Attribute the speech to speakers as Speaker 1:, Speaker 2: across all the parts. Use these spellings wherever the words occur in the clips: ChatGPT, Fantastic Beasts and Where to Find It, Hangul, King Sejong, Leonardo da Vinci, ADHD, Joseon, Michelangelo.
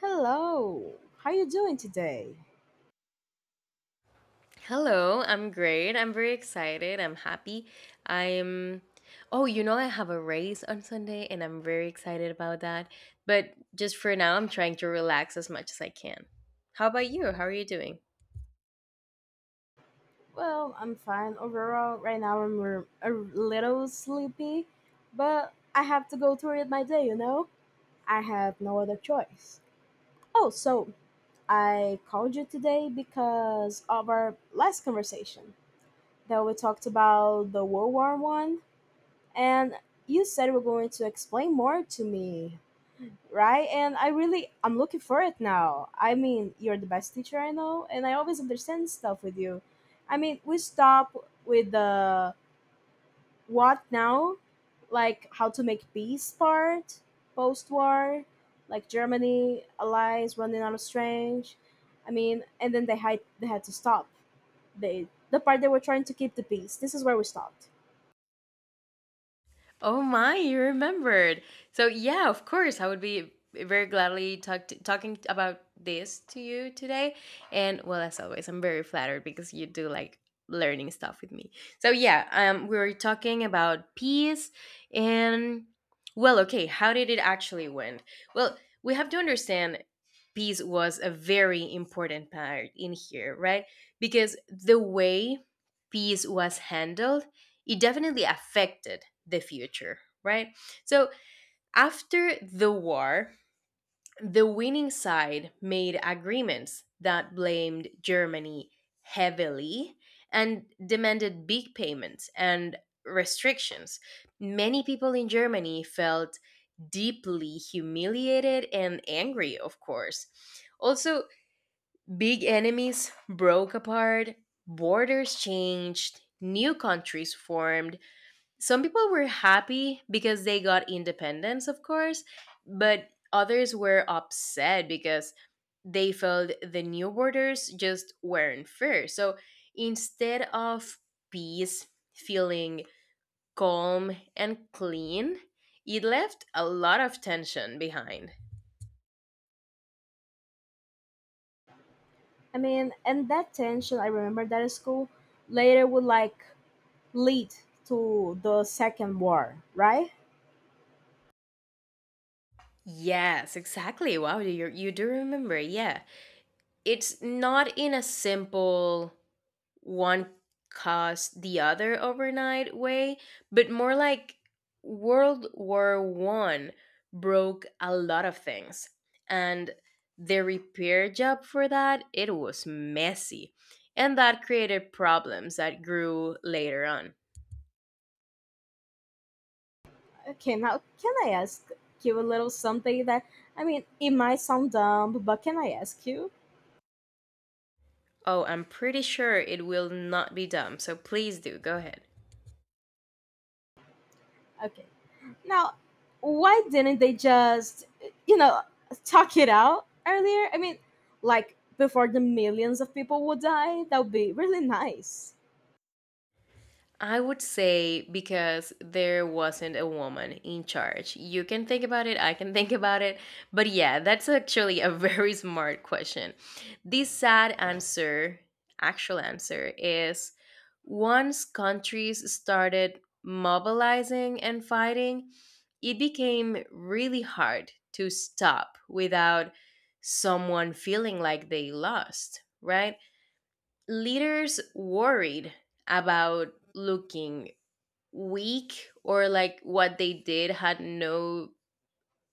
Speaker 1: Hello. How you doing today?
Speaker 2: Hello, I'm great. I'm very excited. I'm happy. I'm. Oh, you know, I have a race on Sunday and I'm very excited about that. But just for now, I'm trying to relax as much as I can. How about you? How are you doing?
Speaker 1: Well, I'm fine overall. Right now I'm a little sleepy, but I have to go through it my day, you know? I have no other choice. Oh, so I called you today because of our last conversation that we talked about the World War One, and you said you were going to explain more to me, right? And I'm looking for it now. I mean, you're the best teacher I know, and I always understand stuff with you. I mean, we stop with the what now, like how to make peace part, post war, like Germany allies running out of strength. I mean, and then they had to stop. They the part they were trying to keep the peace. This is where we stopped.
Speaker 2: Oh my, you remembered. So yeah, of course, I would be very gladly talking about this to you today. And well, as always, I'm very flattered because you do like learning stuff with me. So yeah, we were talking about peace and well, okay, how did it actually went? Well, we have to understand peace was a very important part in here, right? Because the way peace was handled, it definitely affected the future, right? So after the war, the winning side made agreements that blamed Germany heavily and demanded big payments and restrictions. Many people in Germany felt deeply humiliated and angry, of course. Also, big enemies broke apart, borders changed, new countries formed, some people were happy because they got independence, of course, but others were upset because they felt the new borders just weren't fair. So instead of peace feeling calm and clean, it left a lot of tension behind.
Speaker 1: I mean, and that tension I remember that at school later would like lead to the second war, right?
Speaker 2: Yes, exactly. Wow, you do remember. Yeah. It's not in a simple one caused the other overnight way, but more like World War One broke a lot of things, and the repair job for that, it was messy, and that created problems that grew later on.
Speaker 1: Okay, now can I ask you a little something that, I mean, it might sound dumb, but can I ask you?
Speaker 2: Oh, I'm pretty sure it will not be dumb, so please do go ahead.
Speaker 1: Okay. Now, why didn't they just, you know, talk it out earlier? I mean, like before the millions of people would die, that would be really nice.
Speaker 2: I would say because there wasn't a woman in charge. You can think about it, I can think about it. But yeah, that's actually a very smart question. The sad answer, actual answer, is once countries started mobilizing and fighting, it became really hard to stop without someone feeling like they lost, right? Leaders worried about looking weak or like what they did had no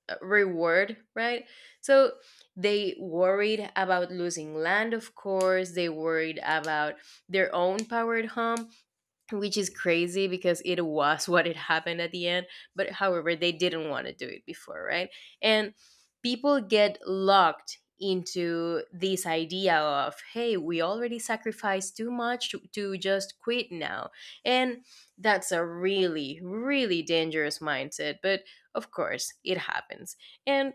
Speaker 2: reward, right? So they worried about losing land, of course. They worried about their own power at home, which is crazy because it was what it happened at the end, but however they didn't want to do it before, right? And people get locked into this idea of hey, we already sacrificed too much to just quit now, and that's a really, really dangerous mindset, but of course it happens. And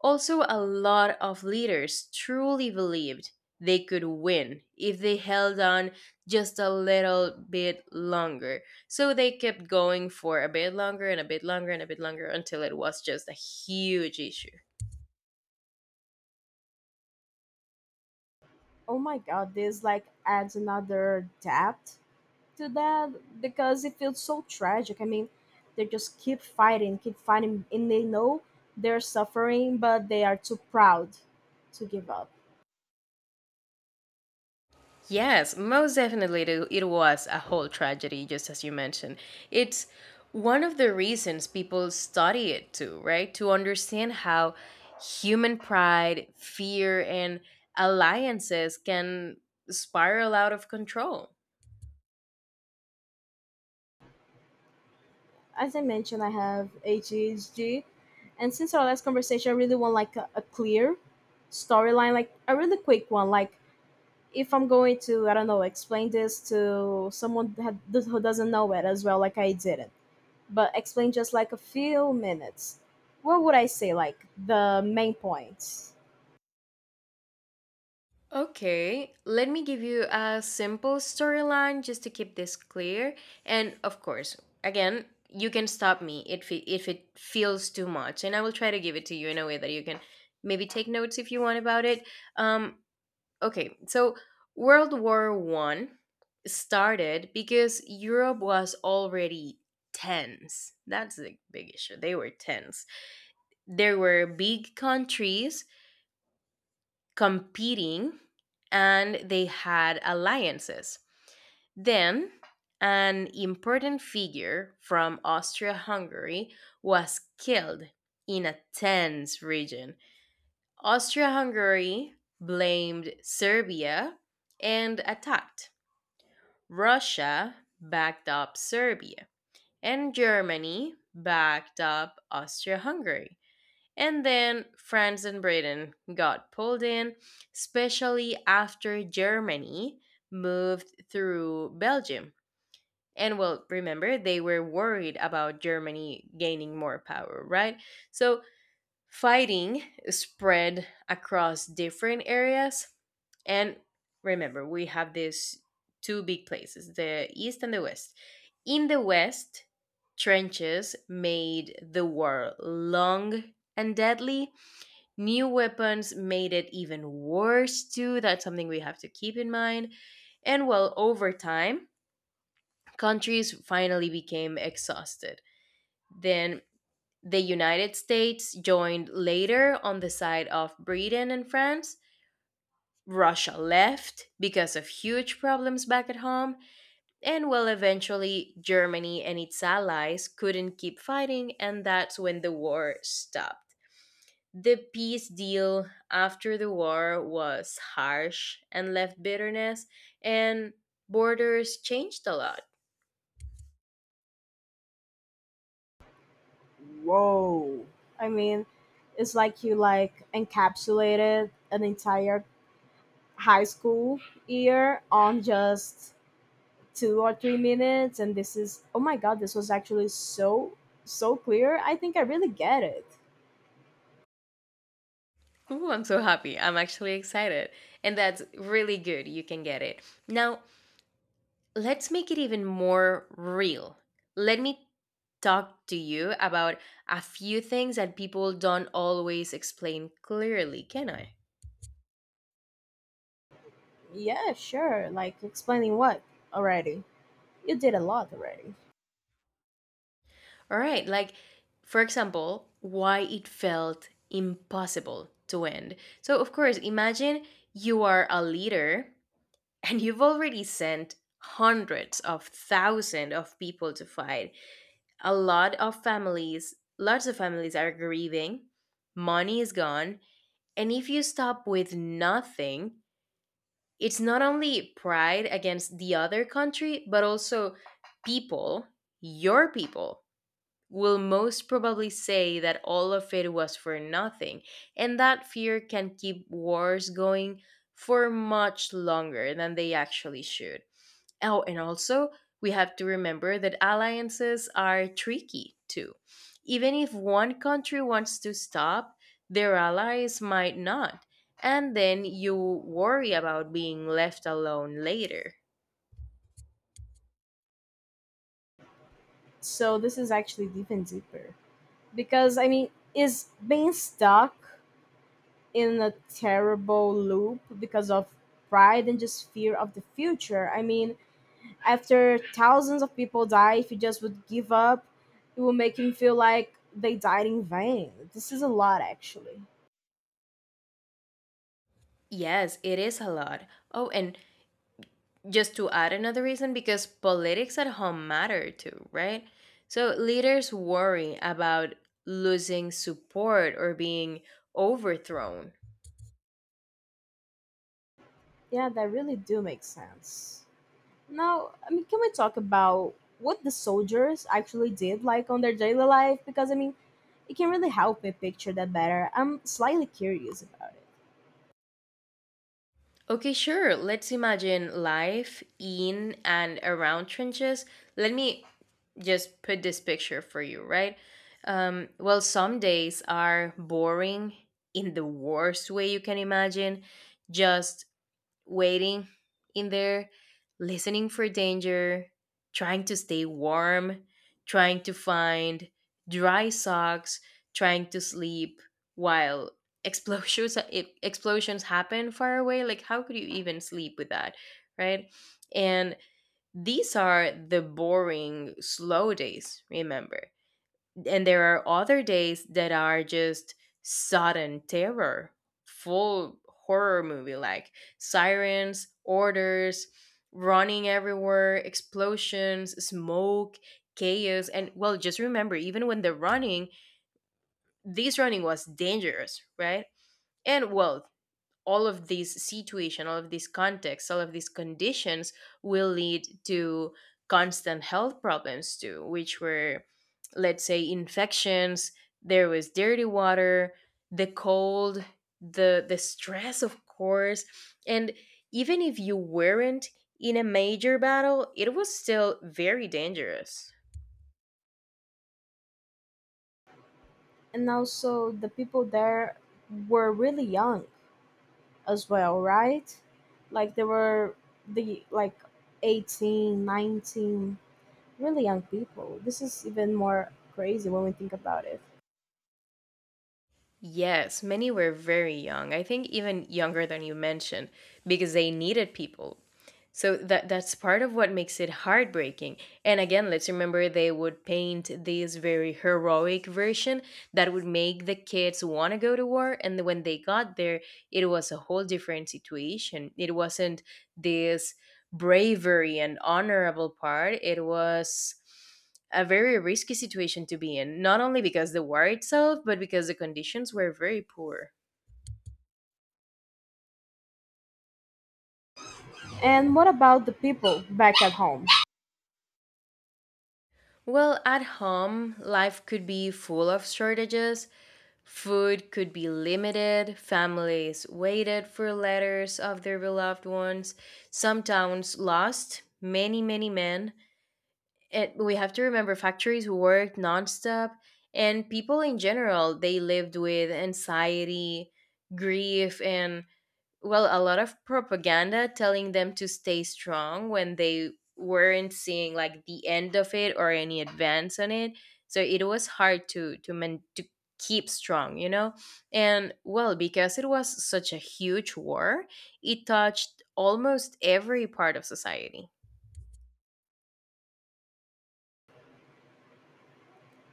Speaker 2: also, a lot of leaders truly believed they could win if they held on just a little bit longer. So they kept going for a bit longer and a bit longer and a bit longer until it was just a huge issue.
Speaker 1: Oh my god, this like adds another depth to that because it feels so tragic. I mean, they just keep fighting, and they know they're suffering, but they are too proud to give up.
Speaker 2: Yes, most definitely it was a whole tragedy, just as you mentioned. It's one of the reasons people study it too, right? To understand how human pride, fear, and alliances can spiral out of control.
Speaker 1: As I mentioned, I have ADHD, and since our last conversation, I really want like a clear storyline, like a really quick one. Like if I'm going to, I don't know, explain this to someone that who doesn't know it as well, like I didn't, but explain just like a few minutes. What would I say, like the main points?
Speaker 2: Okay, let me give you a simple storyline just to keep this clear. And of course, again, you can stop me if it feels too much, and I will try to give it to you in a way that you can maybe take notes if you want about it. Um, okay, so World War One started because Europe was already tense. That's the big issue. They were tense. There were big countries competing and they had alliances. Then, an important figure from Austria Hungary was killed in a tense region. Austria Hungary blamed Serbia and attacked. Russia backed up Serbia, and Germany backed up Austria Hungary. And then France and Britain got pulled in, especially after Germany moved through Belgium. And well, remember, they were worried about Germany gaining more power, right? So fighting spread across different areas. And remember, we have these two big places, the East and the West. In the West, trenches made the war long and deadly. New weapons made it even worse, too. That's something we have to keep in mind. And well, over time, countries finally became exhausted. Then the United States joined later on the side of Britain and France. Russia left because of huge problems back at home. And well, eventually, Germany and its allies couldn't keep fighting, and that's when the war stopped. The peace deal after the war was harsh and left bitterness, and borders changed a lot.
Speaker 1: I mean, it's like you like encapsulated an entire high school year on just 2 or 3 minutes, and this is, oh my god, this was actually so so clear. I think I really get it.
Speaker 2: Ooh, I'm so happy. I'm actually excited. And that's really good. You can get it. Now, let's make it even more real. Let me talk to you about a few things that people don't always explain clearly, can I?
Speaker 1: Yeah, sure. Like explaining what already? You did a lot already.
Speaker 2: All right. Like, for example, why it felt impossible to end. So, of course, imagine you are a leader and you've already sent hundreds of thousands of people to fight. A lot of families, lots of families are grieving, money is gone. And if you stop with nothing, it's not only pride against the other country, but also people, your people, will most probably say that all of it was for nothing, and that fear can keep wars going for much longer than they actually should. Oh, and also, we have to remember that alliances are tricky too. Even if one country wants to stop, their allies might not, and then you worry about being left alone later.
Speaker 1: So this is actually deep and deeper. Because I mean, is being stuck in a terrible loop because of pride and just fear of the future. I mean, after thousands of people die, if you just would give up, it will make him feel like they died in vain. This is a lot, actually.
Speaker 2: Yes, it is a lot. Oh, and just to add another reason, because politics at home matter too, right? So leaders worry about losing support or being overthrown.
Speaker 1: Yeah, that really do make sense. Now, I mean, can we talk about what the soldiers actually did, like on their daily life? Because I mean, it can really help me picture that better. I'm slightly curious about it,
Speaker 2: Okay, sure, let's imagine life in and around trenches. Let me just put this picture for you, right? Well, some days are boring in the worst way you can imagine, just waiting in there, listening for danger, trying to stay warm, trying to find dry socks, trying to sleep while explosions, if explosions happen far away, like how could you even sleep with that, right? And these are the boring slow days, remember. And there are other days that are just sudden terror, full horror movie, like sirens, orders, running everywhere, explosions, smoke, chaos, and well, just remember, even when they're running, this running was dangerous, right? And well, all of these situation, all of these contexts, all of these conditions will lead to constant health problems too, which were, let's say, infections. There was dirty water, the cold, the stress, of course, and even if you weren't in a major battle, it was still very dangerous.
Speaker 1: and also the people there were really young as well, right? Like they were the like 18, 19. Really young people. This is even more crazy when we think about it.
Speaker 2: Yes, many were very young. I think even younger than you mentioned, because they needed people. So that's part of what makes it heartbreaking. And again, let's remember, they would paint this very heroic version that would make the kids want to go to war, and when they got there, it was a whole different situation. It wasn't this bravery and honorable part. It was a very risky situation to be in, not only because the war itself, but because the conditions were very poor.
Speaker 1: And what about the people back at home?
Speaker 2: Well, at home, life could be full of shortages. Food could be limited. Families waited for letters of their beloved ones. Some towns lost many, many men. And we have to remember, factories worked nonstop, and people in general, they lived with anxiety, grief, and well, a lot of propaganda telling them to stay strong when they weren't seeing like the end of it or any advance on it. So it was hard to men to keep strong, you know. And well, because it was such a huge war, it touched almost every part of society.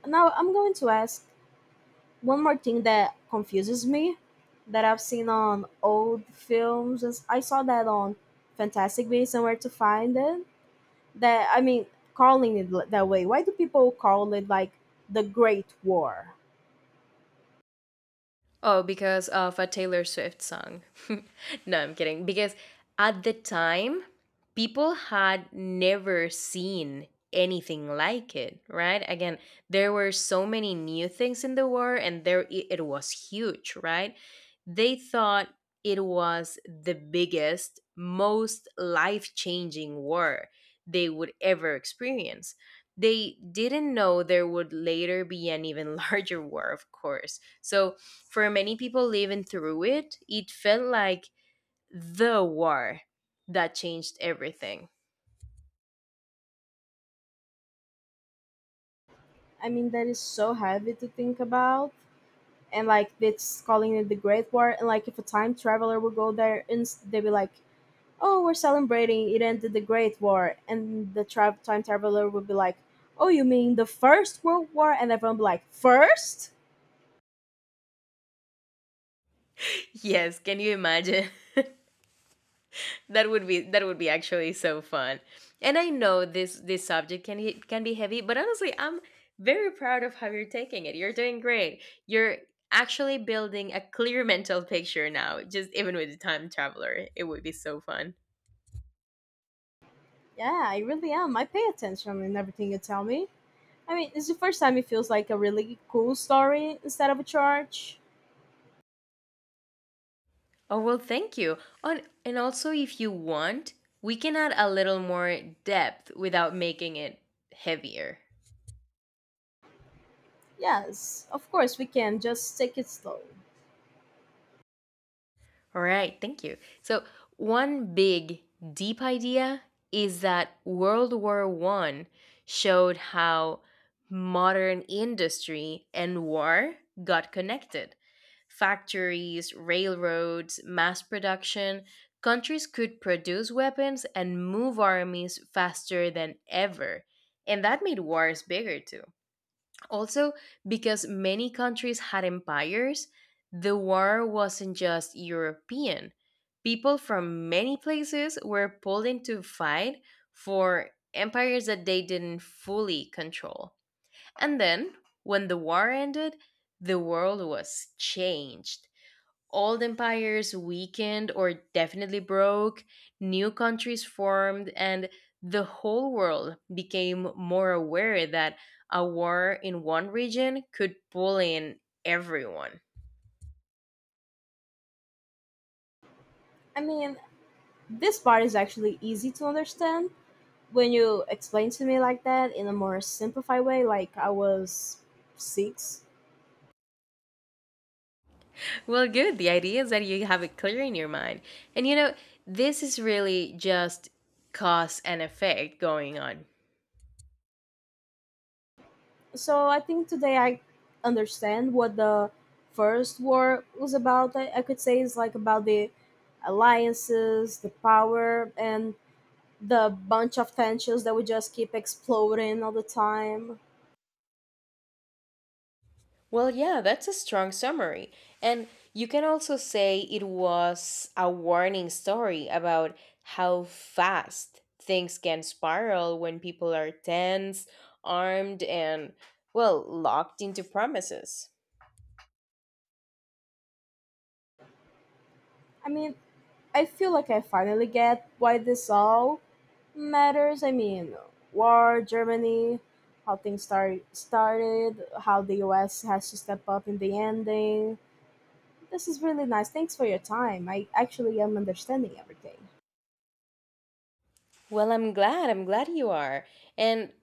Speaker 1: Now, I'm going to ask one more thing that confuses me that I've seen on old films. I saw that on Fantastic Beasts and Where to Find It. That, I mean, calling it that way. Why do people call it like the Great War?
Speaker 2: Oh, because of a Taylor Swift song. No, I'm kidding. Because at the time, people had never seen anything like it, right? Again, there were so many new things in the war and there it was huge, right? They thought it was the biggest, most life-changing war they would ever experience. They didn't know there would later be an even larger war, of course. So for many people living through it, it felt like the war that changed everything.
Speaker 1: I mean, that is so heavy to think about, and like it's calling it the Great War, and like if a time traveler would go there, and they'd be like, oh, we're celebrating it ended the Great War, and the time traveler would be like, oh, you mean the First World War? And everyone would be like, first?
Speaker 2: Yes, can you imagine? That would be actually so fun. And I know this subject can he- can be heavy, but honestly, I'm very proud of how you're taking it. You're doing great. You're actually building a clear mental picture now. Just even with the time traveler, it would be so fun.
Speaker 1: Yeah, I really am. I pay attention in everything you tell me. I mean, it's the first time it feels like a really cool story instead of a charge.
Speaker 2: Oh, well, thank you. On, and also, if you want, we can add a little more depth without making it heavier.
Speaker 1: Yes, of course we can. Just take it slow.
Speaker 2: All right, thank you. So, one big, deep idea is that World War One showed how modern industry and war got connected. Factories, railroads, mass production, countries could produce weapons and move armies faster than ever. And that made wars bigger too. Also, because many countries had empires, the war wasn't just European. People from many places were pulled into fight for empires that they didn't fully control. And then, when the war ended, the world was changed. Old empires weakened or definitely broke, new countries formed, and the whole world became more aware that a war in one region could pull in everyone.
Speaker 1: I mean, this part is actually easy to understand when you explain to me like that in a more simplified way. Like I was six.
Speaker 2: Well, good. The idea is that you have it clear in your mind. And you know, this is really just cause and effect going on.
Speaker 1: So I think today I understand what the first war was about. I could say it's like about the alliances, the power, and the bunch of tensions that would just keep exploding all the time.
Speaker 2: Well, yeah, that's a strong summary. And you can also say it was a warning story about how fast things can spiral when people are tense, armed, and, well, locked into promises.
Speaker 1: I mean, I feel like I finally get why this all matters. I mean, war, Germany, how started, how the US has to step up in the ending. This is really nice. Thanks for your time. I actually am understanding everything.
Speaker 2: Well, I'm glad. I'm glad you are. And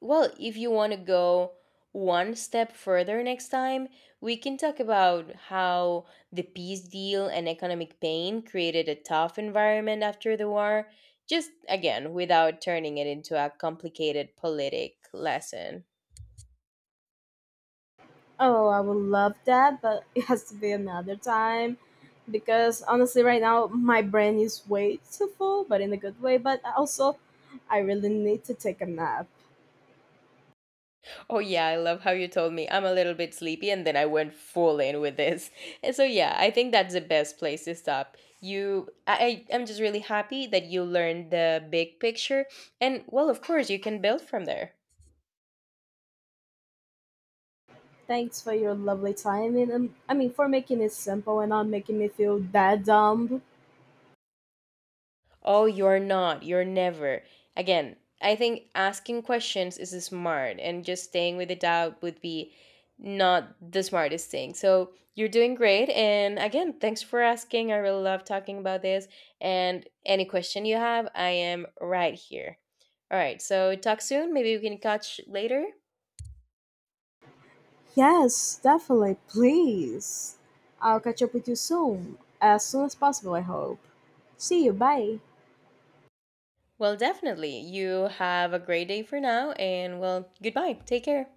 Speaker 2: well, if you want to go one step further next time, we can talk about how the peace deal and economic pain created a tough environment after the war, just again, without turning it into a complicated politic lesson.
Speaker 1: Oh, I would love that, but it has to be another time because honestly, right now my brain is way too full, but in a good way. But also, I really need to take a nap.
Speaker 2: Oh, yeah, I love how you told me I'm a little bit sleepy, and then I went full in with this. And so, yeah, I think that's the best place to stop. I'm just really happy that you learned the big picture. And, well, of course, you can build from there.
Speaker 1: Thanks for your lovely time and I mean, for making it simple and not making me feel that dumb.
Speaker 2: Oh, you're not. You're never. Again, I think asking questions is smart and just staying with the doubt would be not the smartest thing. So you're doing great. And again, thanks for asking. I really love talking about this. And any question you have, I am right here. All right. So talk soon. Maybe we can catch later.
Speaker 1: Yes, definitely. Please. I'll catch up with you soon. As soon as possible, I hope. See you. Bye.
Speaker 2: Well, definitely. You have a great day for now. And well, goodbye. Take care.